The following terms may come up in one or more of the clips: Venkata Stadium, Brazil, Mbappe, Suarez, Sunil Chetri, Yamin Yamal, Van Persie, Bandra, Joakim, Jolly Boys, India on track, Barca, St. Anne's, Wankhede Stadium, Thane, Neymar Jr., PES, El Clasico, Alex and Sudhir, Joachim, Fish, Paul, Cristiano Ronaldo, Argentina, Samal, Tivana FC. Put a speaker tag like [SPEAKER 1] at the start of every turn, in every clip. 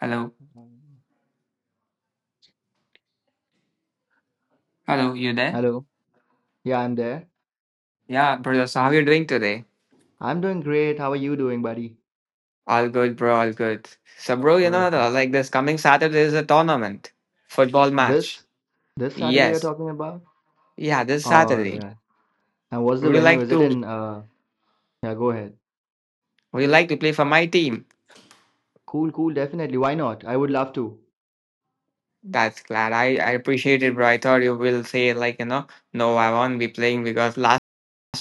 [SPEAKER 1] Hello.
[SPEAKER 2] Mm.
[SPEAKER 1] Hello, you there?
[SPEAKER 2] Hello. Yeah, I'm there.
[SPEAKER 1] Yeah, brother, so how are you doing today?
[SPEAKER 2] I'm doing great. How are you doing, buddy?
[SPEAKER 1] All good, bro, all good. So, bro, you know,
[SPEAKER 2] Perfect.
[SPEAKER 1] like this coming Saturday is a tournament, football match.
[SPEAKER 2] This this Saturday you're
[SPEAKER 1] Yes.
[SPEAKER 2] talking about?
[SPEAKER 1] Yeah, this
[SPEAKER 2] All
[SPEAKER 1] Saturday.
[SPEAKER 2] right. And what's the
[SPEAKER 1] Would you
[SPEAKER 2] venue?
[SPEAKER 1] like
[SPEAKER 2] Is it
[SPEAKER 1] to,
[SPEAKER 2] in yeah, go ahead.
[SPEAKER 1] would you like to play for my team?
[SPEAKER 2] Cool, cool, definitely. Why not? I would love to.
[SPEAKER 1] That's glad. I appreciate it, bro. I thought you will say like, you know, no, I won't be playing because last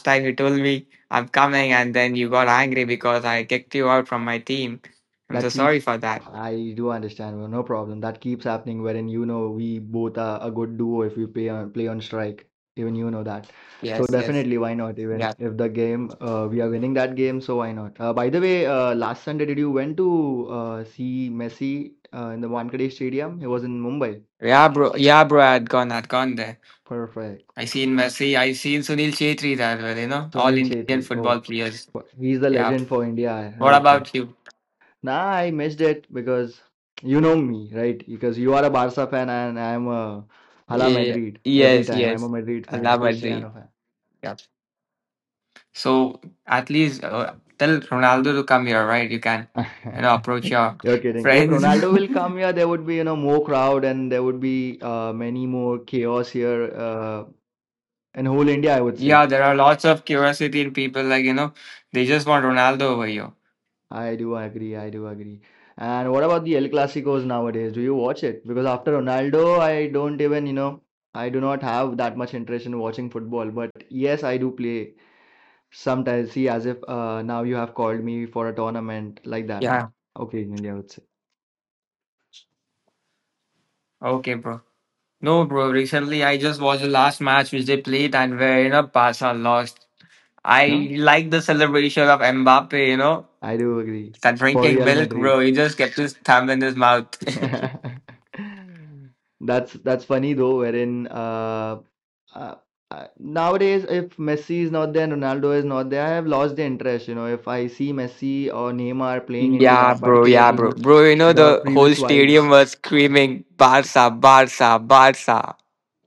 [SPEAKER 1] time you told me I'm coming and then you got angry because I kicked you out from my team. I'm so
[SPEAKER 2] That
[SPEAKER 1] sorry
[SPEAKER 2] keeps
[SPEAKER 1] for that.
[SPEAKER 2] I do understand, bro, no problem. That keeps happening wherein you know we both are a good duo if we play on strike. Even you know that. So
[SPEAKER 1] Yes, yes.
[SPEAKER 2] definitely why not? Even
[SPEAKER 1] Yeah.
[SPEAKER 2] if the game we are winning that game, so why not? By the way, last Sunday did you went to see Messi in the Wankhede Stadium? He was in Mumbai.
[SPEAKER 1] Yeah, bro. Yeah, bro. I'd gone there.
[SPEAKER 2] Perfect.
[SPEAKER 1] I seen Messi, I seen Sunil Chetri, that well, you know, all
[SPEAKER 2] Sunil
[SPEAKER 1] Indian
[SPEAKER 2] Chhetri.
[SPEAKER 1] football
[SPEAKER 2] Oh,
[SPEAKER 1] players.
[SPEAKER 2] he's the
[SPEAKER 1] Yeah.
[SPEAKER 2] legend for India, I
[SPEAKER 1] What
[SPEAKER 2] would say.
[SPEAKER 1] about you?
[SPEAKER 2] Nah, I missed it because you know me, right? Because you are a Barca fan and I'm a Hala
[SPEAKER 1] Yeah.
[SPEAKER 2] Madrid every
[SPEAKER 1] Yes,
[SPEAKER 2] time. I'm a
[SPEAKER 1] yes.
[SPEAKER 2] Madrid
[SPEAKER 1] I
[SPEAKER 2] fan, a
[SPEAKER 1] love Madrid.
[SPEAKER 2] Cristiano
[SPEAKER 1] So at least tell Ronaldo to come here, right? You can,
[SPEAKER 2] fan.
[SPEAKER 1] you know, approach your
[SPEAKER 2] You're kidding. If
[SPEAKER 1] friends.
[SPEAKER 2] Ronaldo will come here, there would be, you know, more crowd and there would be many more chaos here in whole India, I would say.
[SPEAKER 1] Yeah, there are lots of curiosity in people. Like you know, they just want Ronaldo over here.
[SPEAKER 2] I do agree. I do agree. And what about the El Clasicos nowadays? Do you watch it? Because after Ronaldo, I don't even, you know, I do not have that much interest in watching football. But yes, I do play. Sometimes, see, as if now you have called me for a tournament like that on
[SPEAKER 1] Yeah.
[SPEAKER 2] India I would say.
[SPEAKER 1] Okay, bro. No, bro. Recently, I just watched the last match which they played, and where you know Barca lost.
[SPEAKER 2] No,
[SPEAKER 1] I like the celebration of Mbappe. You know,
[SPEAKER 2] I do agree.
[SPEAKER 1] that
[SPEAKER 2] For
[SPEAKER 1] drinking
[SPEAKER 2] Real
[SPEAKER 1] milk,
[SPEAKER 2] Madrid.
[SPEAKER 1] bro. He just kept his thumb in his mouth.
[SPEAKER 2] That's funny though, wherein uh, nowadays if Messi is not there and Ronaldo is not there, I have lost the interest. You know, if I see Messi or Neymar playing into
[SPEAKER 1] Yeah,
[SPEAKER 2] that
[SPEAKER 1] bro.
[SPEAKER 2] particular
[SPEAKER 1] Yeah, bro.
[SPEAKER 2] team,
[SPEAKER 1] Bro, you know,
[SPEAKER 2] the
[SPEAKER 1] the
[SPEAKER 2] previous
[SPEAKER 1] whole
[SPEAKER 2] vibe
[SPEAKER 1] stadium was screaming Barca, Barca, Barca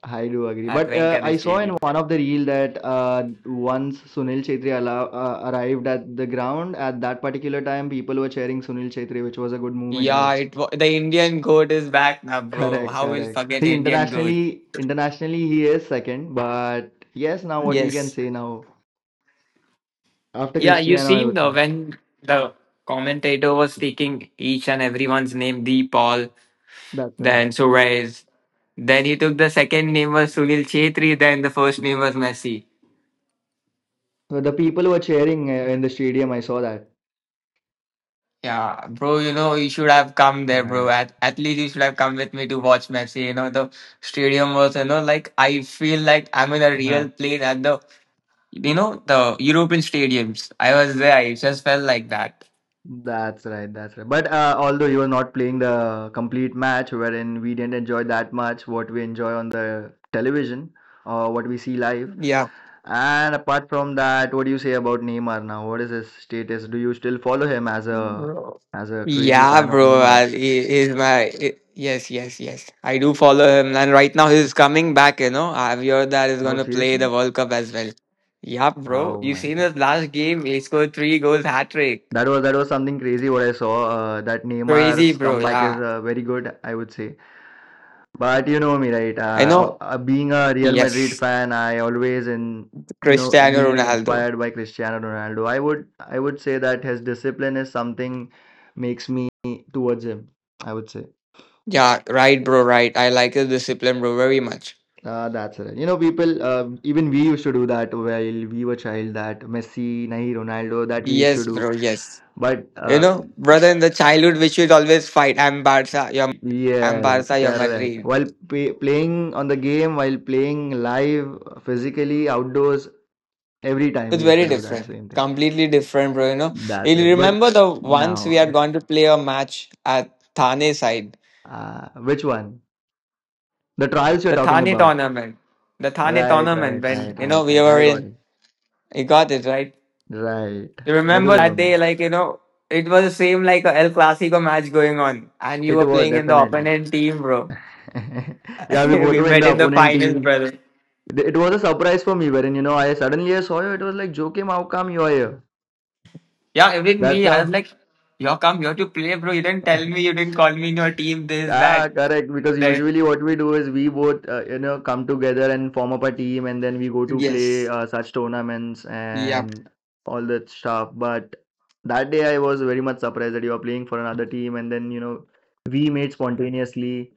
[SPEAKER 2] I do agree,
[SPEAKER 1] at
[SPEAKER 2] but
[SPEAKER 1] Venkata
[SPEAKER 2] I saw in
[SPEAKER 1] Stadium.
[SPEAKER 2] one of the reel that once Sunil Chhetri allow, arrived at the ground at that particular time, people were cheering Sunil Chhetri, which was a good movement, I
[SPEAKER 1] Yeah,
[SPEAKER 2] would say.
[SPEAKER 1] the Indian goat is back now, bro.
[SPEAKER 2] Correct,
[SPEAKER 1] How will
[SPEAKER 2] correct.
[SPEAKER 1] forget
[SPEAKER 2] See,
[SPEAKER 1] Indian goat?
[SPEAKER 2] internationally he is second, but yes, now what we can
[SPEAKER 1] Yes.
[SPEAKER 2] say now after
[SPEAKER 1] Yeah, you
[SPEAKER 2] Cristiano, I
[SPEAKER 1] seen
[SPEAKER 2] would say
[SPEAKER 1] the when the commentator was taking each and everyone's name, the Paul,
[SPEAKER 2] that's right.
[SPEAKER 1] then Suarez. Then he took the second name was Sunil Chetri, then the first name was Messi.
[SPEAKER 2] So the people were cheering in the stadium. I saw that.
[SPEAKER 1] Yeah, bro, you know, you should have come there, bro.
[SPEAKER 2] Right.
[SPEAKER 1] At least you should have come with me to watch Messi. You know, the stadium was, you know, like I feel like I'm in a real plane at the, you know, the European stadiums. I was there. I just felt like that.
[SPEAKER 2] That's right, that's right. But although you were not playing the complete match, wherein we didn't enjoy that much what we enjoy on the television or what we see live.
[SPEAKER 1] Yeah,
[SPEAKER 2] And apart from that, what do you say about Neymar now? What is his status? Do you still follow him
[SPEAKER 1] bro.
[SPEAKER 2] as a crazy
[SPEAKER 1] Yeah,
[SPEAKER 2] fan of
[SPEAKER 1] bro.
[SPEAKER 2] Neymar?
[SPEAKER 1] He, he's my. He- Yes, yes, yes. I do follow him. And right now he's coming back, you know. I've heard that he's going
[SPEAKER 2] Oh,
[SPEAKER 1] to play
[SPEAKER 2] seriously?
[SPEAKER 1] the World Cup as well. Yeah, bro,
[SPEAKER 2] Oh
[SPEAKER 1] you
[SPEAKER 2] my
[SPEAKER 1] seen
[SPEAKER 2] God.
[SPEAKER 1] his last game. He scored three goals, hat trick.
[SPEAKER 2] That was something crazy what I saw. That
[SPEAKER 1] Crazy,
[SPEAKER 2] Neymar's
[SPEAKER 1] bro.
[SPEAKER 2] comeback is
[SPEAKER 1] Yeah.
[SPEAKER 2] very good, I would say. But you know me, right?
[SPEAKER 1] I
[SPEAKER 2] Uh,
[SPEAKER 1] know.
[SPEAKER 2] uh, uh, being a Real Madrid
[SPEAKER 1] Yes.
[SPEAKER 2] fan, I always in you know
[SPEAKER 1] Cristiano
[SPEAKER 2] been
[SPEAKER 1] Ronaldo.
[SPEAKER 2] inspired by Cristiano Ronaldo. I would say that his discipline is something makes me towards him. I would say
[SPEAKER 1] Yeah. Right, bro. Right. I like the discipline, bro, very much.
[SPEAKER 2] that's it. You know, people even we used to do that while we were child. That Messi, nahi Ronaldo, that we used to
[SPEAKER 1] Yes,
[SPEAKER 2] do.
[SPEAKER 1] bro. Yes.
[SPEAKER 2] But
[SPEAKER 1] You know, brother, in the childhood, we should always fight. I'm
[SPEAKER 2] yes,
[SPEAKER 1] Barca, you're
[SPEAKER 2] correct.
[SPEAKER 1] Madrid.
[SPEAKER 2] While playing on the game, while playing live, physically outdoors, every time
[SPEAKER 1] It's
[SPEAKER 2] we used to
[SPEAKER 1] very
[SPEAKER 2] do that
[SPEAKER 1] different.
[SPEAKER 2] same thing.
[SPEAKER 1] Completely different, bro. You know,
[SPEAKER 2] That's
[SPEAKER 1] you
[SPEAKER 2] right. But
[SPEAKER 1] remember the once we
[SPEAKER 2] now,
[SPEAKER 1] had gone to play a match at Thane side,
[SPEAKER 2] which one? The trials you're
[SPEAKER 1] the
[SPEAKER 2] talking
[SPEAKER 1] Thane
[SPEAKER 2] about.
[SPEAKER 1] tournament, the Thane
[SPEAKER 2] Right,
[SPEAKER 1] tournament
[SPEAKER 2] right,
[SPEAKER 1] when
[SPEAKER 2] right,
[SPEAKER 1] you know
[SPEAKER 2] right,
[SPEAKER 1] we
[SPEAKER 2] right.
[SPEAKER 1] were
[SPEAKER 2] I got
[SPEAKER 1] in.
[SPEAKER 2] it.
[SPEAKER 1] You got it right.
[SPEAKER 2] Right. I do
[SPEAKER 1] Remember that
[SPEAKER 2] remember.
[SPEAKER 1] day, like, you know, it was the same like a El Clasico match going on, and you
[SPEAKER 2] It
[SPEAKER 1] were
[SPEAKER 2] was
[SPEAKER 1] playing in the
[SPEAKER 2] definitely.
[SPEAKER 1] opponent team, bro.
[SPEAKER 2] Yeah, we both
[SPEAKER 1] We
[SPEAKER 2] were in
[SPEAKER 1] met
[SPEAKER 2] the
[SPEAKER 1] in the
[SPEAKER 2] opponent
[SPEAKER 1] finals,
[SPEAKER 2] team.
[SPEAKER 1] brother.
[SPEAKER 2] It was a surprise for me wherein, you know, I suddenly I saw you. It was like, Joakim, how come you are here?
[SPEAKER 1] Yeah, even
[SPEAKER 2] That's
[SPEAKER 1] me, I was
[SPEAKER 2] how.
[SPEAKER 1] like, you come here to play, bro. You didn't tell me, you didn't call me in your team, this,
[SPEAKER 2] Ah,
[SPEAKER 1] that,
[SPEAKER 2] correct. Because
[SPEAKER 1] that.
[SPEAKER 2] usually what we do is we both, you know, come together and form up a team, and then we go to play
[SPEAKER 1] Yes.
[SPEAKER 2] such tournaments
[SPEAKER 1] Yep.
[SPEAKER 2] and all that stuff. But that day I was very much surprised that you are playing for another team, and then you know we made spontaneously.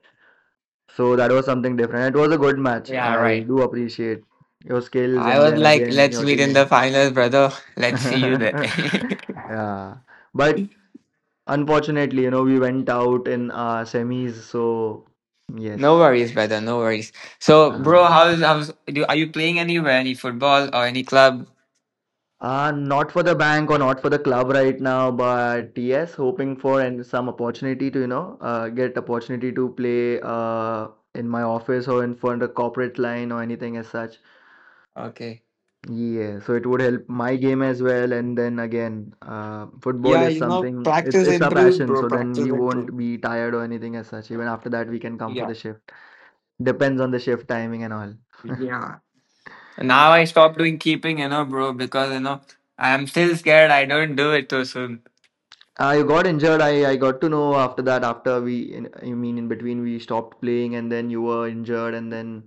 [SPEAKER 2] So that was something different. It was a good match.
[SPEAKER 1] Yeah,
[SPEAKER 2] I
[SPEAKER 1] right.
[SPEAKER 2] do appreciate your skills,
[SPEAKER 1] I
[SPEAKER 2] and
[SPEAKER 1] was
[SPEAKER 2] then
[SPEAKER 1] like,
[SPEAKER 2] again
[SPEAKER 1] let's
[SPEAKER 2] your
[SPEAKER 1] meet in
[SPEAKER 2] team.
[SPEAKER 1] the finals, brother. Let's see you there.
[SPEAKER 2] Yeah, but unfortunately, you know, we went out in semis. So yes.
[SPEAKER 1] No worries, brother. No worries. So, bro,
[SPEAKER 2] Ah.
[SPEAKER 1] how's do? Are you playing anywhere? Any football or any club?
[SPEAKER 2] Not for the bank or not for the club right now, but yes, hoping for and some opportunity to, you know, get opportunity to play in my office or in front of corporate line or anything as such.
[SPEAKER 1] Okay.
[SPEAKER 2] Yeah, so it would help my game as well. And then again, football
[SPEAKER 1] Yeah,
[SPEAKER 2] is
[SPEAKER 1] you know,
[SPEAKER 2] something, it's
[SPEAKER 1] practice
[SPEAKER 2] it's our
[SPEAKER 1] improves,
[SPEAKER 2] passion.
[SPEAKER 1] bro.
[SPEAKER 2] So then
[SPEAKER 1] Practice
[SPEAKER 2] we
[SPEAKER 1] improves.
[SPEAKER 2] won't be tired or anything as such. Even after that, we can come for the
[SPEAKER 1] Yeah.
[SPEAKER 2] shift. Depends on the shift timing and all.
[SPEAKER 1] Yeah. Now I stopped doing keeping, you know, bro, because, you know, I'm still scared I don't do it too soon.
[SPEAKER 2] I got injured. I got to know after that, after we, in, I mean, in between we stopped playing and then you were injured. And then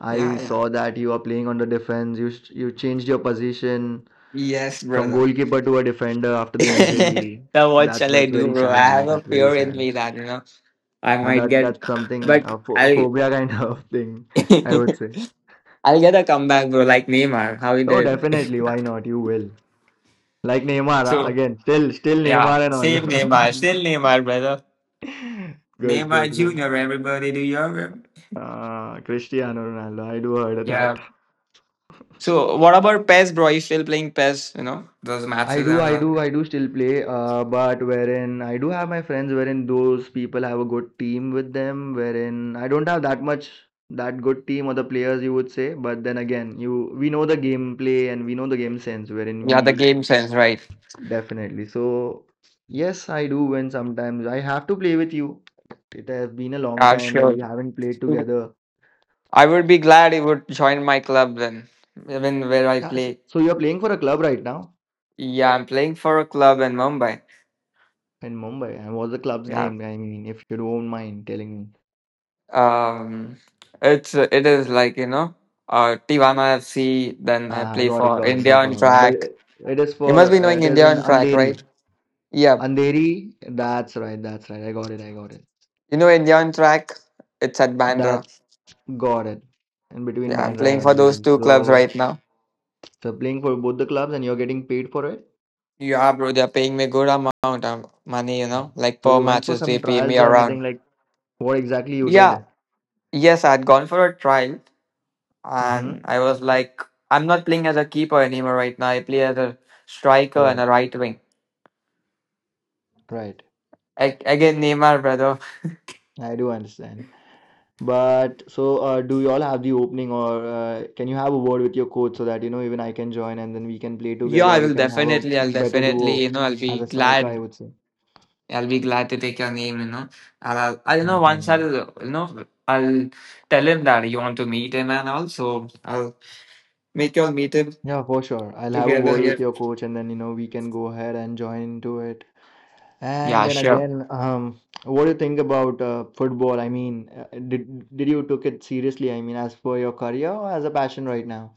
[SPEAKER 2] I
[SPEAKER 1] Yeah, yeah.
[SPEAKER 2] saw that you are playing on the defense. You, you changed your position
[SPEAKER 1] Yes,
[SPEAKER 2] from
[SPEAKER 1] brother.
[SPEAKER 2] goalkeeper to a defender after the injury.
[SPEAKER 1] Now what
[SPEAKER 2] That's,
[SPEAKER 1] shall I
[SPEAKER 2] that's
[SPEAKER 1] do,
[SPEAKER 2] very
[SPEAKER 1] bro? I
[SPEAKER 2] sad, bro.
[SPEAKER 1] have a
[SPEAKER 2] That's very
[SPEAKER 1] fear in
[SPEAKER 2] sad.
[SPEAKER 1] me that, you know, I
[SPEAKER 2] Uh,
[SPEAKER 1] might
[SPEAKER 2] That,
[SPEAKER 1] get,
[SPEAKER 2] that's something,
[SPEAKER 1] but
[SPEAKER 2] a
[SPEAKER 1] I'll,
[SPEAKER 2] phobia kind of thing, I would say.
[SPEAKER 1] I'll get a comeback, bro, like Neymar, how he
[SPEAKER 2] Oh,
[SPEAKER 1] did.
[SPEAKER 2] definitely. Why not? You will. Like Neymar, ah,
[SPEAKER 1] So,
[SPEAKER 2] again, still
[SPEAKER 1] yeah,
[SPEAKER 2] Neymar
[SPEAKER 1] same Neymar,
[SPEAKER 2] and
[SPEAKER 1] still Neymar, brother.
[SPEAKER 2] all. Good, good,
[SPEAKER 1] Neymar
[SPEAKER 2] good.
[SPEAKER 1] Jr., everybody, do you hear him?
[SPEAKER 2] Cristiano Ronaldo. I do heard of that.
[SPEAKER 1] Yeah, so what about PES, bro? Are you still playing PES? You know those
[SPEAKER 2] I
[SPEAKER 1] matches
[SPEAKER 2] do,
[SPEAKER 1] and
[SPEAKER 2] I
[SPEAKER 1] all
[SPEAKER 2] do,
[SPEAKER 1] that?
[SPEAKER 2] I do still play, but wherein I do have my friends, wherein those people have a good team with them, wherein I don't have that much that good team or the players you would say, but then again, you we know the gameplay and we know the game sense, wherein
[SPEAKER 1] Yeah, the
[SPEAKER 2] we
[SPEAKER 1] game sense, right?
[SPEAKER 2] definitely. So yes, I do win sometimes. I have to play with you. It has been a long
[SPEAKER 1] Yeah,
[SPEAKER 2] time that
[SPEAKER 1] sure.
[SPEAKER 2] we haven't played together.
[SPEAKER 1] I would be glad you would join my club then, even where I
[SPEAKER 2] Yeah,
[SPEAKER 1] play.
[SPEAKER 2] so you're playing for a club right now?
[SPEAKER 1] Yeah, I'm playing for a club in Mumbai.
[SPEAKER 2] In Mumbai, and what's the club's
[SPEAKER 1] Yeah,
[SPEAKER 2] name? I mean, if you don't mind telling me.
[SPEAKER 1] um, it's it is like you know, Tivana FC. Then I
[SPEAKER 2] Ah,
[SPEAKER 1] play for
[SPEAKER 2] got it, no
[SPEAKER 1] India on
[SPEAKER 2] problem.
[SPEAKER 1] track.
[SPEAKER 2] It is
[SPEAKER 1] You must
[SPEAKER 2] for,
[SPEAKER 1] be knowing
[SPEAKER 2] it is
[SPEAKER 1] India
[SPEAKER 2] in
[SPEAKER 1] on track,
[SPEAKER 2] Andheri.
[SPEAKER 1] right? Yeah,
[SPEAKER 2] Andheri, that's right, that's right. I got it, I got it.
[SPEAKER 1] you know India on track. It's at Bandra.
[SPEAKER 2] That, got it. In between
[SPEAKER 1] Yeah, I'm
[SPEAKER 2] Bandra
[SPEAKER 1] playing
[SPEAKER 2] and
[SPEAKER 1] for those
[SPEAKER 2] Andheri.
[SPEAKER 1] two clubs
[SPEAKER 2] So,
[SPEAKER 1] right now.
[SPEAKER 2] so playing for both the clubs and you're getting paid for it?
[SPEAKER 1] Yeah, bro, they're paying me a good amount of money, you
[SPEAKER 2] Ah.
[SPEAKER 1] know, like
[SPEAKER 2] So
[SPEAKER 1] per
[SPEAKER 2] you went for
[SPEAKER 1] matches,
[SPEAKER 2] some
[SPEAKER 1] they pay me
[SPEAKER 2] trials or
[SPEAKER 1] around.
[SPEAKER 2] anything like what exactly you
[SPEAKER 1] Yeah,
[SPEAKER 2] did?
[SPEAKER 1] yes, I'd gone for a trial
[SPEAKER 2] Mm-hmm.
[SPEAKER 1] and I was like, I'm not playing as a keeper anymore right now. I play as a striker and a
[SPEAKER 2] Correct.
[SPEAKER 1] right wing.
[SPEAKER 2] Right.
[SPEAKER 1] Again, Neymar, brother.
[SPEAKER 2] I do understand. But so, do you all have the opening, or can you have a word with your coach so that you know even I can join and then we can play
[SPEAKER 1] Yeah,
[SPEAKER 2] together? We can have a
[SPEAKER 1] I'll
[SPEAKER 2] better
[SPEAKER 1] definitely,
[SPEAKER 2] duo
[SPEAKER 1] you know, I'll
[SPEAKER 2] as
[SPEAKER 1] be
[SPEAKER 2] a striker,
[SPEAKER 1] glad.
[SPEAKER 2] I would say.
[SPEAKER 1] I'll be glad to take your name, you know. And I'll, I don't know, once
[SPEAKER 2] Hmm.
[SPEAKER 1] I'll, you know, I'll tell him that you want to meet him, and also I'll make you all meet him
[SPEAKER 2] Yeah, for sure. I'll have a
[SPEAKER 1] together
[SPEAKER 2] word with
[SPEAKER 1] here.
[SPEAKER 2] your coach and then you know we can go ahead and join into it. And
[SPEAKER 1] Yeah,
[SPEAKER 2] then
[SPEAKER 1] sure.
[SPEAKER 2] again, what do you think about football? I mean, did you took it seriously? I mean, as for your career or as a passion right now?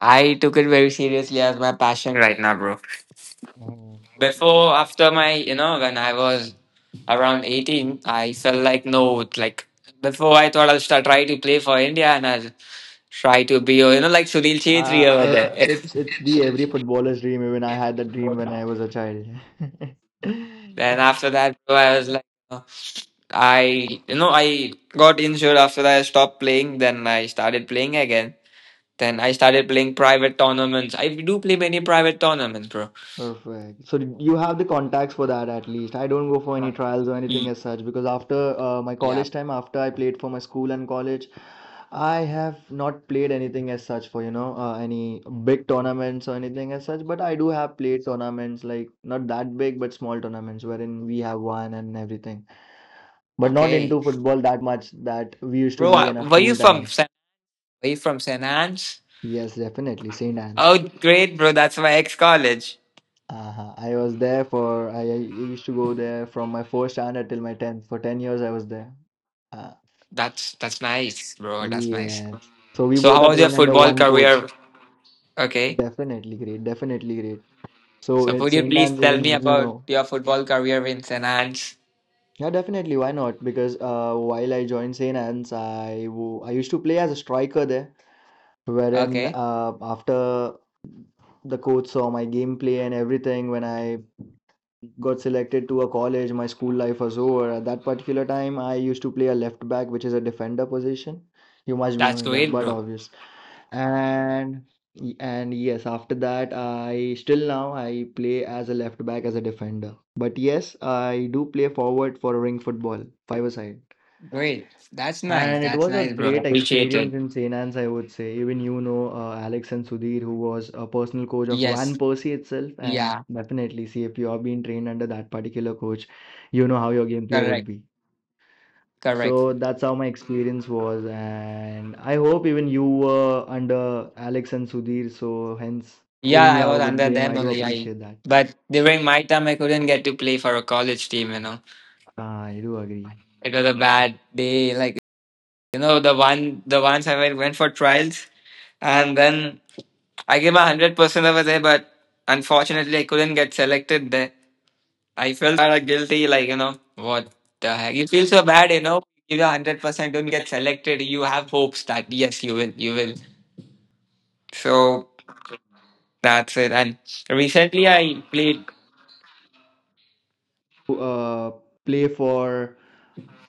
[SPEAKER 1] I took it very seriously as my passion right now, bro. Before, after my, you know, when I was around 18, I felt like, no, like, before I thought I'll start, try to play for India and I'll try to be, you know, like Sunil Chhetri over
[SPEAKER 2] If
[SPEAKER 1] there.
[SPEAKER 2] it's the every footballer's dream. Even I had that dream when I was a child.
[SPEAKER 1] Then after that, bro, I was like, uh, you know, I got injured after that. I stopped playing. Then I started playing again. Then I started playing private tournaments. I do play many private tournaments, bro.
[SPEAKER 2] Perfect. So did you have the contacts for that at least. I don't go for any trials or anything
[SPEAKER 1] Ye-
[SPEAKER 2] as such because after my
[SPEAKER 1] Yeah.
[SPEAKER 2] college time, after I played for my school and college, I have not played anything as such for you know any big tournaments or anything as such. But I do have played tournaments like not that big but small tournaments wherein we have won and everything. But not
[SPEAKER 1] Okay,
[SPEAKER 2] into football that much that we used to
[SPEAKER 1] bro,
[SPEAKER 2] be in our
[SPEAKER 1] were you
[SPEAKER 2] school
[SPEAKER 1] from
[SPEAKER 2] times.
[SPEAKER 1] San? Were you from St. Anne's?
[SPEAKER 2] Yes, definitely. St. Anne's.
[SPEAKER 1] Oh, great, bro. That's my ex college.
[SPEAKER 2] Uh-huh. I was there for, I used to go there from my first standard till my 10th. For 10 years, I was there. Uh,
[SPEAKER 1] That's nice, bro. That's nice.
[SPEAKER 2] yes. So we
[SPEAKER 1] So,
[SPEAKER 2] both
[SPEAKER 1] how
[SPEAKER 2] are
[SPEAKER 1] was your
[SPEAKER 2] trained under
[SPEAKER 1] football
[SPEAKER 2] one coach.
[SPEAKER 1] career? Okay.
[SPEAKER 2] Definitely great. Definitely great. So
[SPEAKER 1] So,
[SPEAKER 2] at
[SPEAKER 1] could you
[SPEAKER 2] St.
[SPEAKER 1] please
[SPEAKER 2] Anne's,
[SPEAKER 1] tell me
[SPEAKER 2] even, you
[SPEAKER 1] about
[SPEAKER 2] know,
[SPEAKER 1] your football career in St. Anne's?
[SPEAKER 2] yeah, definitely. Why not? Because while I joined St. Anne's, I used to play as a striker there, wherein
[SPEAKER 1] Okay,
[SPEAKER 2] after the coach saw my gameplay and everything when I got selected to a college, my school life was over. At that particular time, I used to play a left back, which is a defender position. You must be
[SPEAKER 1] that's
[SPEAKER 2] knowing that,
[SPEAKER 1] great,
[SPEAKER 2] but
[SPEAKER 1] bro.
[SPEAKER 2] obvious. And and yes, after that, I still now I play as a left back as a defender. But yes, I do play forward for ring football, five-a-side.
[SPEAKER 1] Great. That's nice.
[SPEAKER 2] And it
[SPEAKER 1] That's
[SPEAKER 2] was a
[SPEAKER 1] nice, bro.
[SPEAKER 2] great
[SPEAKER 1] Appreciate it.
[SPEAKER 2] experience in St. Anne's, I would say. Even you know Alex and Sudhir, who was a personal coach of Van
[SPEAKER 1] Yes.
[SPEAKER 2] Persie itself. And
[SPEAKER 1] Yeah.
[SPEAKER 2] definitely, see, if you have been trained under that particular coach, you know how your gameplay would
[SPEAKER 1] Correct.
[SPEAKER 2] be.
[SPEAKER 1] Correct.
[SPEAKER 2] So that's how my experience was. And I hope even you were under Alex and Sudhir. So hence, even
[SPEAKER 1] Yeah,
[SPEAKER 2] you
[SPEAKER 1] I
[SPEAKER 2] have a
[SPEAKER 1] was
[SPEAKER 2] good
[SPEAKER 1] under
[SPEAKER 2] game. I
[SPEAKER 1] them
[SPEAKER 2] do
[SPEAKER 1] only. I
[SPEAKER 2] appreciate that.
[SPEAKER 1] But during my time, I couldn't get to play for a college team. You know.
[SPEAKER 2] Ah, I do agree.
[SPEAKER 1] It was a bad day. Like, you know, the ones I went for trials and then I gave 100% over there, but unfortunately I couldn't get selected there. I felt like guilty, like, you know, what the heck? You feel so bad, you know, you 100% don't get selected, you have hopes that yes you will, you will. So that's it. And recently I played,
[SPEAKER 2] Uh, play for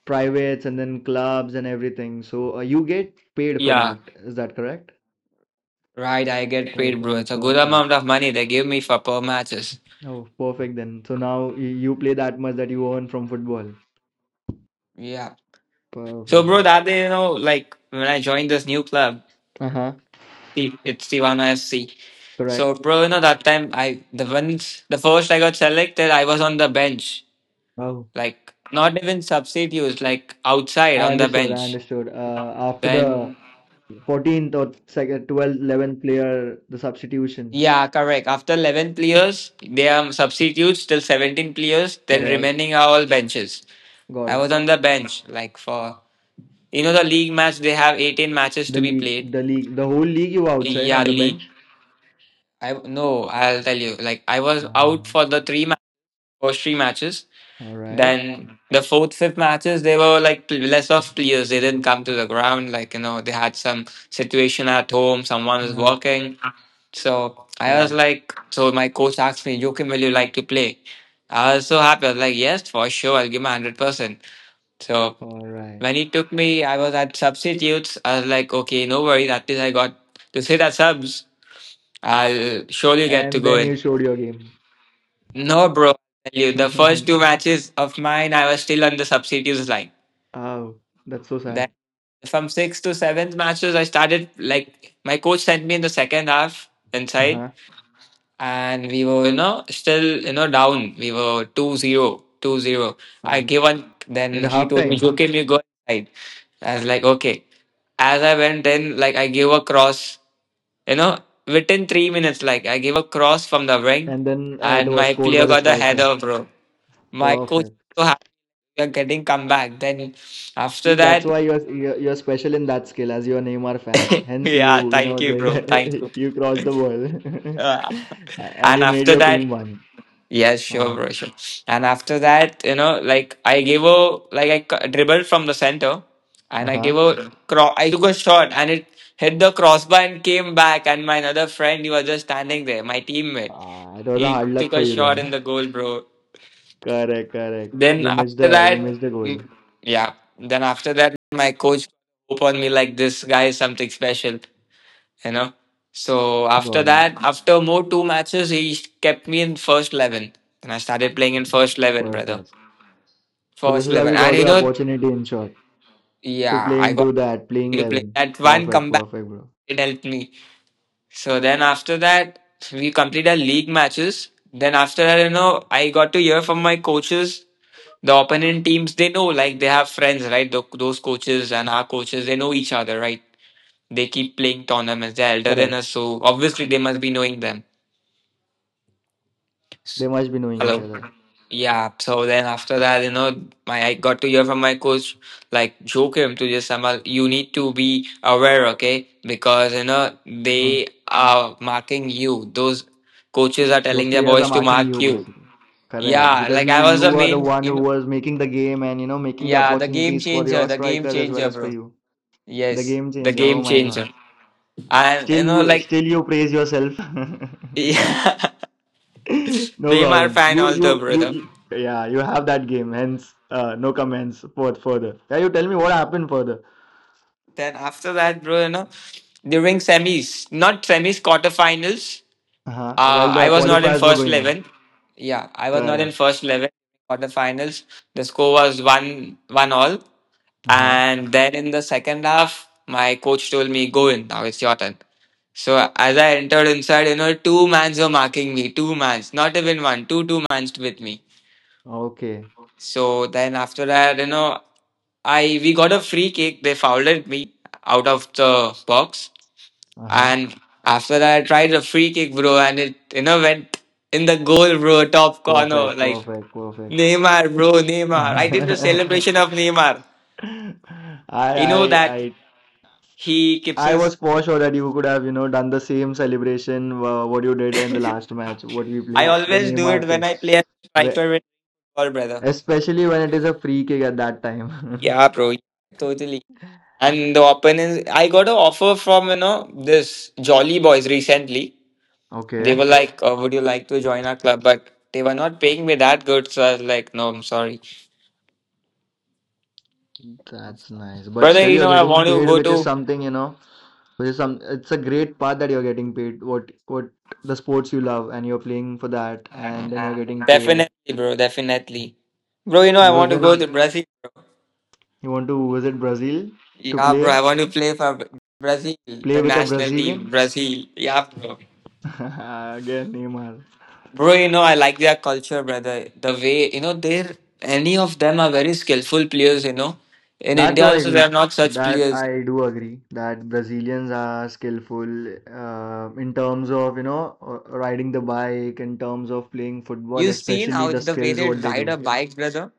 [SPEAKER 2] privates and then clubs and everything. So you get paid for
[SPEAKER 1] yeah.
[SPEAKER 2] that. Is that correct?
[SPEAKER 1] Right, I get paid, bro. It's
[SPEAKER 2] Perfect,
[SPEAKER 1] a good
[SPEAKER 2] perfect.
[SPEAKER 1] amount of money they give me for per matches.
[SPEAKER 2] Oh, perfect then. So now you play that much that you earn from football.
[SPEAKER 1] Yeah. So,
[SPEAKER 2] Perfect.
[SPEAKER 1] bro, that day, you know, like when I joined this new club,
[SPEAKER 2] Uh-huh.
[SPEAKER 1] it's Tivana FC.
[SPEAKER 2] Correct.
[SPEAKER 1] So, bro, you know, that time I, the first I got selected, I was on the bench,
[SPEAKER 2] Oh,
[SPEAKER 1] like not even substitutes, like outside
[SPEAKER 2] I
[SPEAKER 1] on the
[SPEAKER 2] understood. I
[SPEAKER 1] bench.
[SPEAKER 2] understood. After the
[SPEAKER 1] Then,
[SPEAKER 2] 14th or second, 12th, 11th player, the substitution.
[SPEAKER 1] yeah, correct. After 11 players, they are substitutes till 17 players, then
[SPEAKER 2] Correct.
[SPEAKER 1] remaining are all benches.
[SPEAKER 2] Got
[SPEAKER 1] I
[SPEAKER 2] it.
[SPEAKER 1] was on the bench, like for, you know, the league match, they have 18 matches
[SPEAKER 2] The
[SPEAKER 1] to be
[SPEAKER 2] league,
[SPEAKER 1] played.
[SPEAKER 2] the league, the whole league you outside
[SPEAKER 1] Yeah,
[SPEAKER 2] on the
[SPEAKER 1] league.
[SPEAKER 2] bench.
[SPEAKER 1] I no, I'll tell you. Like I was out
[SPEAKER 2] Uh,
[SPEAKER 1] for the first three matches.
[SPEAKER 2] All right.
[SPEAKER 1] Then the fourth, fifth matches, they were like less of players. They didn't come to the ground. Like you know, they had some situation at home. Someone was
[SPEAKER 2] Uh-huh.
[SPEAKER 1] working. So I was
[SPEAKER 2] Correct.
[SPEAKER 1] like, so my coach asked me, Joachim, will you like to play? I was so happy. I was like, yes, for sure. I'll give my 100%. So
[SPEAKER 2] All right.
[SPEAKER 1] when he took me, I was at substitutes. I was like, okay, no worry. At least I got to sit at subs. I'll surely get to
[SPEAKER 2] And
[SPEAKER 1] go
[SPEAKER 2] then
[SPEAKER 1] in.
[SPEAKER 2] you showed your game.
[SPEAKER 1] No, bro. I tell you, the first two matches of mine, I was still on the substitutes line.
[SPEAKER 2] Oh, that's so
[SPEAKER 1] Then
[SPEAKER 2] sad.
[SPEAKER 1] from sixth to seventh matches, I started like my coach sent me in the second half inside,
[SPEAKER 2] Uh-huh.
[SPEAKER 1] and we were you know still you know down. We were 2-0, 2-0. I
[SPEAKER 2] Oh.
[SPEAKER 1] gave one.
[SPEAKER 2] In
[SPEAKER 1] Then
[SPEAKER 2] the
[SPEAKER 1] he told me,
[SPEAKER 2] halftime.
[SPEAKER 1] "Okay, you go inside." I was like, "Okay." As I went in, like I gave a cross. You know, within 3 minutes, like I gave a cross from the wing,
[SPEAKER 2] And then it
[SPEAKER 1] and
[SPEAKER 2] was
[SPEAKER 1] my
[SPEAKER 2] scored
[SPEAKER 1] player
[SPEAKER 2] by the
[SPEAKER 1] got the
[SPEAKER 2] striker.
[SPEAKER 1] header, bro. My coach was
[SPEAKER 2] Perfect.
[SPEAKER 1] so happy we are getting comeback. Then after
[SPEAKER 2] See, that's
[SPEAKER 1] that,
[SPEAKER 2] why you're special in that skill as you're a Neymar fan. Hence
[SPEAKER 1] yeah,
[SPEAKER 2] you know,
[SPEAKER 1] thank you, bro, thank
[SPEAKER 2] did
[SPEAKER 1] you.
[SPEAKER 2] you crossed the ball.
[SPEAKER 1] Uh,
[SPEAKER 2] And
[SPEAKER 1] and
[SPEAKER 2] you made
[SPEAKER 1] after
[SPEAKER 2] your
[SPEAKER 1] that,
[SPEAKER 2] team win.
[SPEAKER 1] yes, sure,
[SPEAKER 2] Uh,
[SPEAKER 1] bro, sure. And after that, you know, like I gave a like I dribbled from the center, and I
[SPEAKER 2] uh-huh.
[SPEAKER 1] gave I took a shot, and it hit the crossbar and came back. And my another friend, he was just standing there, my teammate.
[SPEAKER 2] Ah, it was a
[SPEAKER 1] He
[SPEAKER 2] hard luck
[SPEAKER 1] took
[SPEAKER 2] for
[SPEAKER 1] a
[SPEAKER 2] you
[SPEAKER 1] shot
[SPEAKER 2] then.
[SPEAKER 1] in the goal, bro.
[SPEAKER 2] Correct, correct.
[SPEAKER 1] Then after
[SPEAKER 2] You
[SPEAKER 1] that,
[SPEAKER 2] missed the
[SPEAKER 1] mm,
[SPEAKER 2] goal.
[SPEAKER 1] yeah. Then after that, my coach hope on me like this guy is something special you know. So after
[SPEAKER 2] Got it.
[SPEAKER 1] that, after more two matches, he kept me in first 11, and I started playing in first 11, brother.
[SPEAKER 2] Perfect. So this
[SPEAKER 1] First
[SPEAKER 2] is how
[SPEAKER 1] 11,
[SPEAKER 2] you got
[SPEAKER 1] and
[SPEAKER 2] your opportunity in short to
[SPEAKER 1] yeah,
[SPEAKER 2] play
[SPEAKER 1] I got
[SPEAKER 2] into that playing
[SPEAKER 1] to play
[SPEAKER 2] 11.
[SPEAKER 1] that one
[SPEAKER 2] Perfect,
[SPEAKER 1] comeback.
[SPEAKER 2] perfect, bro.
[SPEAKER 1] It helped me. So then after that, we completed league matches. Then after that, I got to hear from my coaches. The opponent teams, they know, like they have friends, right? Those coaches and our coaches, they know each other, right? They keep playing tournaments. They're elder than
[SPEAKER 2] Correct.
[SPEAKER 1] us, so obviously they must be knowing them. S-
[SPEAKER 2] They must be knowing each
[SPEAKER 1] Hello.
[SPEAKER 2] other.
[SPEAKER 1] Yeah. So then after that, my I got to hear from my coach, like, Joakim to just Samal, you need to be aware, okay? Because
[SPEAKER 2] Mhm.
[SPEAKER 1] they are marking you. Those coaches are
[SPEAKER 2] Those
[SPEAKER 1] telling their
[SPEAKER 2] players are
[SPEAKER 1] boys to
[SPEAKER 2] marking
[SPEAKER 1] mark
[SPEAKER 2] you
[SPEAKER 1] you.
[SPEAKER 2] basically. Correct,
[SPEAKER 1] Yeah,
[SPEAKER 2] because
[SPEAKER 1] like I
[SPEAKER 2] you
[SPEAKER 1] was
[SPEAKER 2] you
[SPEAKER 1] the
[SPEAKER 2] are the
[SPEAKER 1] main,
[SPEAKER 2] one who was making the game and you know making the
[SPEAKER 1] yeah,
[SPEAKER 2] opportunities for your
[SPEAKER 1] the game
[SPEAKER 2] strikers as well
[SPEAKER 1] changer,
[SPEAKER 2] as for
[SPEAKER 1] bro.
[SPEAKER 2] you. The
[SPEAKER 1] Yes,
[SPEAKER 2] game
[SPEAKER 1] the
[SPEAKER 2] changer. Oh
[SPEAKER 1] game
[SPEAKER 2] my God.
[SPEAKER 1] changer. And
[SPEAKER 2] Still you
[SPEAKER 1] like
[SPEAKER 2] still you praise yourself.
[SPEAKER 1] yeah,
[SPEAKER 2] No
[SPEAKER 1] they are
[SPEAKER 2] problem.
[SPEAKER 1] fan
[SPEAKER 2] You
[SPEAKER 1] also,
[SPEAKER 2] you you.
[SPEAKER 1] brother.
[SPEAKER 2] you yeah, you have that game, hence no comments for further. Yeah, you tell me what happened further.
[SPEAKER 1] Then after that, bro, during semis, not semis, quarterfinals,
[SPEAKER 2] Uh-huh, while
[SPEAKER 1] I
[SPEAKER 2] the
[SPEAKER 1] was not in
[SPEAKER 2] qualifiers were
[SPEAKER 1] first
[SPEAKER 2] going on.
[SPEAKER 1] 11. Yeah, I was not in
[SPEAKER 2] Correct.
[SPEAKER 1] first 11 quarterfinals. The score was 1-1 all.
[SPEAKER 2] Uh-huh.
[SPEAKER 1] And then in the second half, my coach told me, go in, now it's your turn. So as I entered inside, two mans were marking me, two mans, not even one, two, two mans with me.
[SPEAKER 2] Okay.
[SPEAKER 1] So then after that, I we got a free cake. They fouled at me out of the box,
[SPEAKER 2] Uh-huh.
[SPEAKER 1] and after that, I tried a free kick, bro, and it went in the goal, bro, top corner,
[SPEAKER 2] Perfect,
[SPEAKER 1] like
[SPEAKER 2] perfect, perfect.
[SPEAKER 1] Neymar, bro, Neymar. I did the
[SPEAKER 2] I
[SPEAKER 1] celebration of Neymar. You know
[SPEAKER 2] I
[SPEAKER 1] that
[SPEAKER 2] I
[SPEAKER 1] he keeps
[SPEAKER 2] I was
[SPEAKER 1] his.
[SPEAKER 2] for sure that you could have, you know, done the same celebration what you did in the last match, what you
[SPEAKER 1] I
[SPEAKER 2] played, the
[SPEAKER 1] always do
[SPEAKER 2] Neymar
[SPEAKER 1] it when
[SPEAKER 2] thing.
[SPEAKER 1] I play as a
[SPEAKER 2] Where,
[SPEAKER 1] striker with ball, brother.
[SPEAKER 2] especially when it is a free kick at that time.
[SPEAKER 1] Yeah, bro, totally. And the opponents, I got an offer from this Jolly Boys recently. They
[SPEAKER 2] Okay.
[SPEAKER 1] were like, "Would you like to join our club?" But they were not paying me that good, so I was like, "No, I'm sorry,
[SPEAKER 2] That's nice. But
[SPEAKER 1] brother.
[SPEAKER 2] still,
[SPEAKER 1] You
[SPEAKER 2] you're
[SPEAKER 1] know, I
[SPEAKER 2] getting
[SPEAKER 1] want to
[SPEAKER 2] paid,
[SPEAKER 1] go
[SPEAKER 2] which is
[SPEAKER 1] to
[SPEAKER 2] something, you know, it's a great part that you're getting paid. What the sports you love, and you're playing for that, and then you're getting paid
[SPEAKER 1] definitely, bro, definitely, bro. You know, I
[SPEAKER 2] because
[SPEAKER 1] want to go
[SPEAKER 2] then
[SPEAKER 1] to Brazil.
[SPEAKER 2] you want to visit Brazil to
[SPEAKER 1] Yeah, bro, I want to play for Brazil,
[SPEAKER 2] play
[SPEAKER 1] the
[SPEAKER 2] with a
[SPEAKER 1] national team,
[SPEAKER 2] Brazilian.
[SPEAKER 1] Brazil. Yeah, bro.
[SPEAKER 2] Again, Neymar.
[SPEAKER 1] Bro, I like their culture, brother. The way, they're, any of them are very skillful players. In
[SPEAKER 2] That
[SPEAKER 1] India
[SPEAKER 2] too I
[SPEAKER 1] also, there
[SPEAKER 2] agree.
[SPEAKER 1] are not such
[SPEAKER 2] That
[SPEAKER 1] players.
[SPEAKER 2] I do agree that Brazilians are skillful in terms of, you know, riding the bike, in terms of playing football,
[SPEAKER 1] You've seen
[SPEAKER 2] especially
[SPEAKER 1] how
[SPEAKER 2] the
[SPEAKER 1] the way
[SPEAKER 2] skills
[SPEAKER 1] they
[SPEAKER 2] what they
[SPEAKER 1] ride a
[SPEAKER 2] do.
[SPEAKER 1] bike, brother?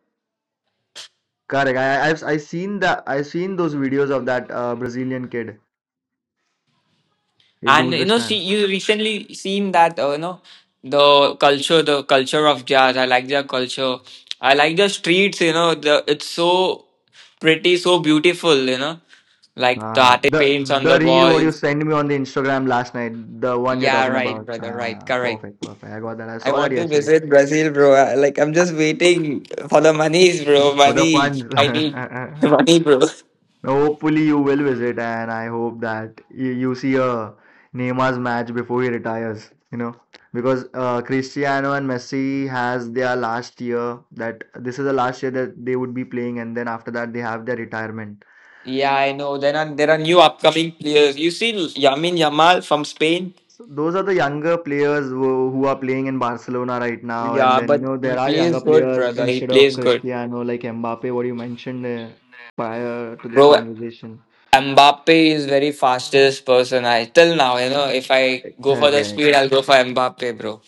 [SPEAKER 2] Correct. I seen that I've seen those videos of that Brazilian kid. He
[SPEAKER 1] And
[SPEAKER 2] does the
[SPEAKER 1] she
[SPEAKER 2] stand.
[SPEAKER 1] you recently seen that the culture of jazz. I like their culture. I like the streets. You know, the It's so pretty, so beautiful. Like the
[SPEAKER 2] Uh-huh.
[SPEAKER 1] artistic
[SPEAKER 2] The
[SPEAKER 1] paints on the
[SPEAKER 2] reel what you
[SPEAKER 1] walls.
[SPEAKER 2] sent me on the Instagram last night, the one you're
[SPEAKER 1] Yeah,
[SPEAKER 2] talking
[SPEAKER 1] right,
[SPEAKER 2] about.
[SPEAKER 1] brother. Right,
[SPEAKER 2] Ah,
[SPEAKER 1] correct.
[SPEAKER 2] perfect, perfect. I got that. I
[SPEAKER 1] I
[SPEAKER 2] saw that
[SPEAKER 1] want to
[SPEAKER 2] yesterday.
[SPEAKER 1] visit Brazil, bro. Like I'm just waiting for the monies, bro.
[SPEAKER 2] For the
[SPEAKER 1] Money,
[SPEAKER 2] funds.
[SPEAKER 1] I need money, bro.
[SPEAKER 2] Now, hopefully you will visit, and I hope that you see a Neymar's match before he retires. You know, because Cristiano and Messi has their last year. That this is the last year that they would be playing, and then after that they have their retirement.
[SPEAKER 1] Yeah, I know. There are new upcoming players. You see Yamin Yamal from Spain.
[SPEAKER 2] So those are the younger players who are playing in Barcelona right now, and
[SPEAKER 1] Yeah,
[SPEAKER 2] then you
[SPEAKER 1] but
[SPEAKER 2] know there
[SPEAKER 1] he
[SPEAKER 2] are younger
[SPEAKER 1] plays good,
[SPEAKER 2] players
[SPEAKER 1] brother. He
[SPEAKER 2] instead of
[SPEAKER 1] plays good.
[SPEAKER 2] Cristiano like Mbappe, what you mentioned prior to this
[SPEAKER 1] Bro,
[SPEAKER 2] conversation.
[SPEAKER 1] Mbappe is very fastest person I till now, if I go for the speed,
[SPEAKER 2] Correct.
[SPEAKER 1] I'll go for Mbappe, bro.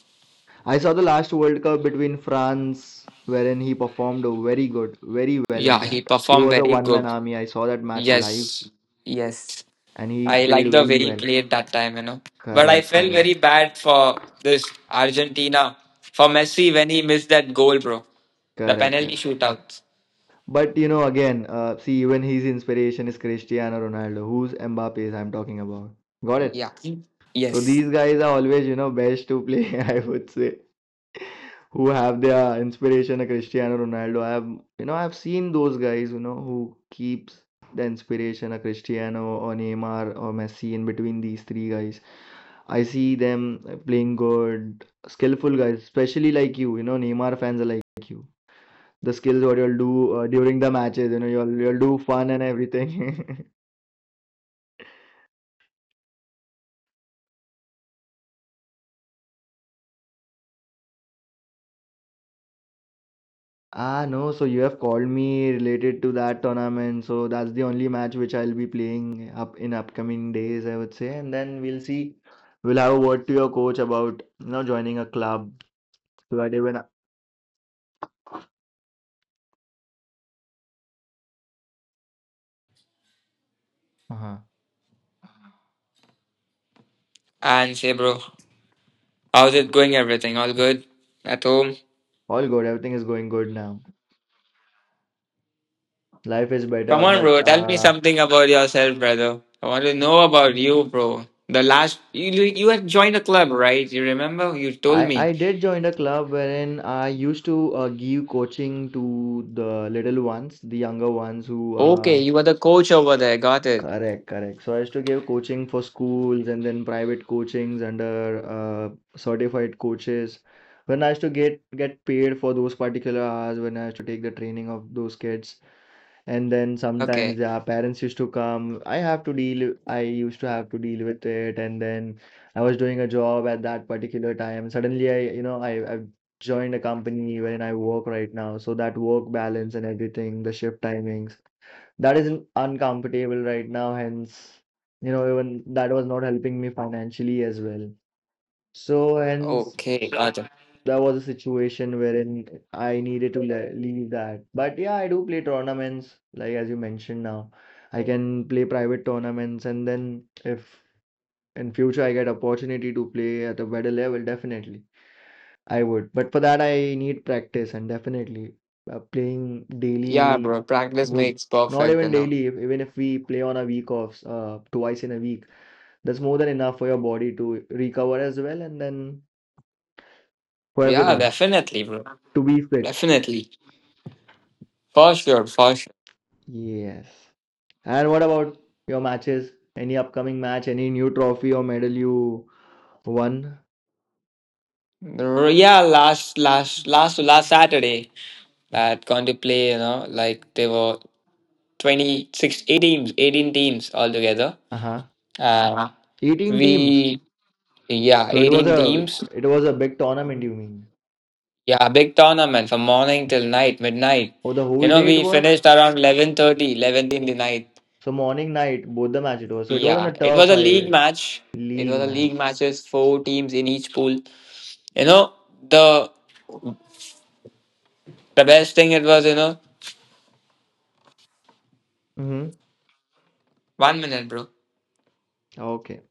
[SPEAKER 2] I saw the last World Cup between France, wherein he performed very good, very well in
[SPEAKER 1] Yeah, he
[SPEAKER 2] that. He
[SPEAKER 1] performed
[SPEAKER 2] was a
[SPEAKER 1] very
[SPEAKER 2] one-man
[SPEAKER 1] good.
[SPEAKER 2] army. I saw that match live,
[SPEAKER 1] Yes. Yes.
[SPEAKER 2] and he
[SPEAKER 1] I
[SPEAKER 2] played
[SPEAKER 1] like the way
[SPEAKER 2] very
[SPEAKER 1] he
[SPEAKER 2] well.
[SPEAKER 1] played that time. But I
[SPEAKER 2] Correct,
[SPEAKER 1] felt
[SPEAKER 2] correct,
[SPEAKER 1] very bad for this Argentina. For Messi when he missed that goal, bro. The
[SPEAKER 2] correct,
[SPEAKER 1] penalty
[SPEAKER 2] correct.
[SPEAKER 1] shootout.
[SPEAKER 2] But you know, again, see, even his inspiration is Cristiano Ronaldo, who's Mbappe? I'm talking about. Got it?
[SPEAKER 1] Yeah.
[SPEAKER 2] So
[SPEAKER 1] Yes.
[SPEAKER 2] these guys are always, you know, best to play, I would say, who have their inspiration, a Cristiano Ronaldo. You know, I've seen those guys, you know, who keeps the inspiration, a Cristiano or Neymar or Messi in between these three guys. I see them playing good, skillful guys, especially like you know, Neymar fans are like you. The skills what you'll do during the matches, you know, you'll do fun and everything. Ah, no, so you have called me related to that tournament. So that's the only match which I'll be playing up in upcoming days, I would say. And then we'll see. We'll have a word to your coach about, you know, joining a club. So that even uh
[SPEAKER 1] And say, bro, how's it going? Everything all good at home?
[SPEAKER 2] all good. Everything is going good now. Life is
[SPEAKER 1] Come
[SPEAKER 2] better.
[SPEAKER 1] on,
[SPEAKER 2] But
[SPEAKER 1] bro, tell me
[SPEAKER 2] uh,
[SPEAKER 1] something about yourself, brother. I want to know about you, bro. The last you had joined a club, right? You remember? You told
[SPEAKER 2] I
[SPEAKER 1] me.
[SPEAKER 2] I did join a club wherein I used to give coaching to the little ones, the younger ones who
[SPEAKER 1] Okay, you were the coach over there. Got it.
[SPEAKER 2] Correct, correct. So I used to give coaching for schools and then private coachings under certified coaches. When I used to get paid for those particular hours, when I used to take the training of those kids, and then sometimes
[SPEAKER 1] Okay.
[SPEAKER 2] their parents used to come. I have to deal. I used to have to deal with it, and then I was doing a job at that particular time. Suddenly, I you know I've joined a company wherein I work right now, so that work balance and everything, the shift timings. That is uncomfortable right now, hence, you know, even that was not helping me financially as well. So, hence,
[SPEAKER 1] Okay, got it.
[SPEAKER 2] that was a situation wherein I needed to le leave that. But yeah, I do play tournaments, like as you mentioned now. I can play private tournaments, and then if in future I get opportunity to play at a better level, definitely. I would, but for that I need practice and definitely playing
[SPEAKER 1] Yeah,
[SPEAKER 2] daily
[SPEAKER 1] bro. Practice
[SPEAKER 2] would
[SPEAKER 1] makes
[SPEAKER 2] not
[SPEAKER 1] perfect, you
[SPEAKER 2] even
[SPEAKER 1] know.
[SPEAKER 2] daily, if, even if we play on a week offs twice in a week, that's more than enough for your body to recover as well and then for
[SPEAKER 1] Yeah,
[SPEAKER 2] everything
[SPEAKER 1] definitely, bro.
[SPEAKER 2] to be fit.
[SPEAKER 1] Definitely, for sure, for sure.
[SPEAKER 2] Yes. And what about your matches? Any upcoming match, any new trophy or medal you won?
[SPEAKER 1] Yeah, last Saturday that gone to play, like they were 26, teams 18 teams altogether,
[SPEAKER 2] Uh-huh.
[SPEAKER 1] uh,
[SPEAKER 2] 18 teams.
[SPEAKER 1] we, yeah,
[SPEAKER 2] So it was
[SPEAKER 1] 18 teams,
[SPEAKER 2] a big tournament, you mean?
[SPEAKER 1] yeah, big tournament from morning till night midnight,
[SPEAKER 2] Oh, the whole day it
[SPEAKER 1] we
[SPEAKER 2] was?
[SPEAKER 1] finished around 11:30, 11 in the night.
[SPEAKER 2] So morning, night, both the match it was. So it was on
[SPEAKER 1] Yeah,
[SPEAKER 2] a
[SPEAKER 1] it was
[SPEAKER 2] turf,
[SPEAKER 1] a league
[SPEAKER 2] I
[SPEAKER 1] match, it
[SPEAKER 2] league
[SPEAKER 1] was a league
[SPEAKER 2] match.
[SPEAKER 1] matches, four teams in each pool. You know the the best thing it was,
[SPEAKER 2] Mm-hmm.
[SPEAKER 1] one minute, bro.
[SPEAKER 2] Okay.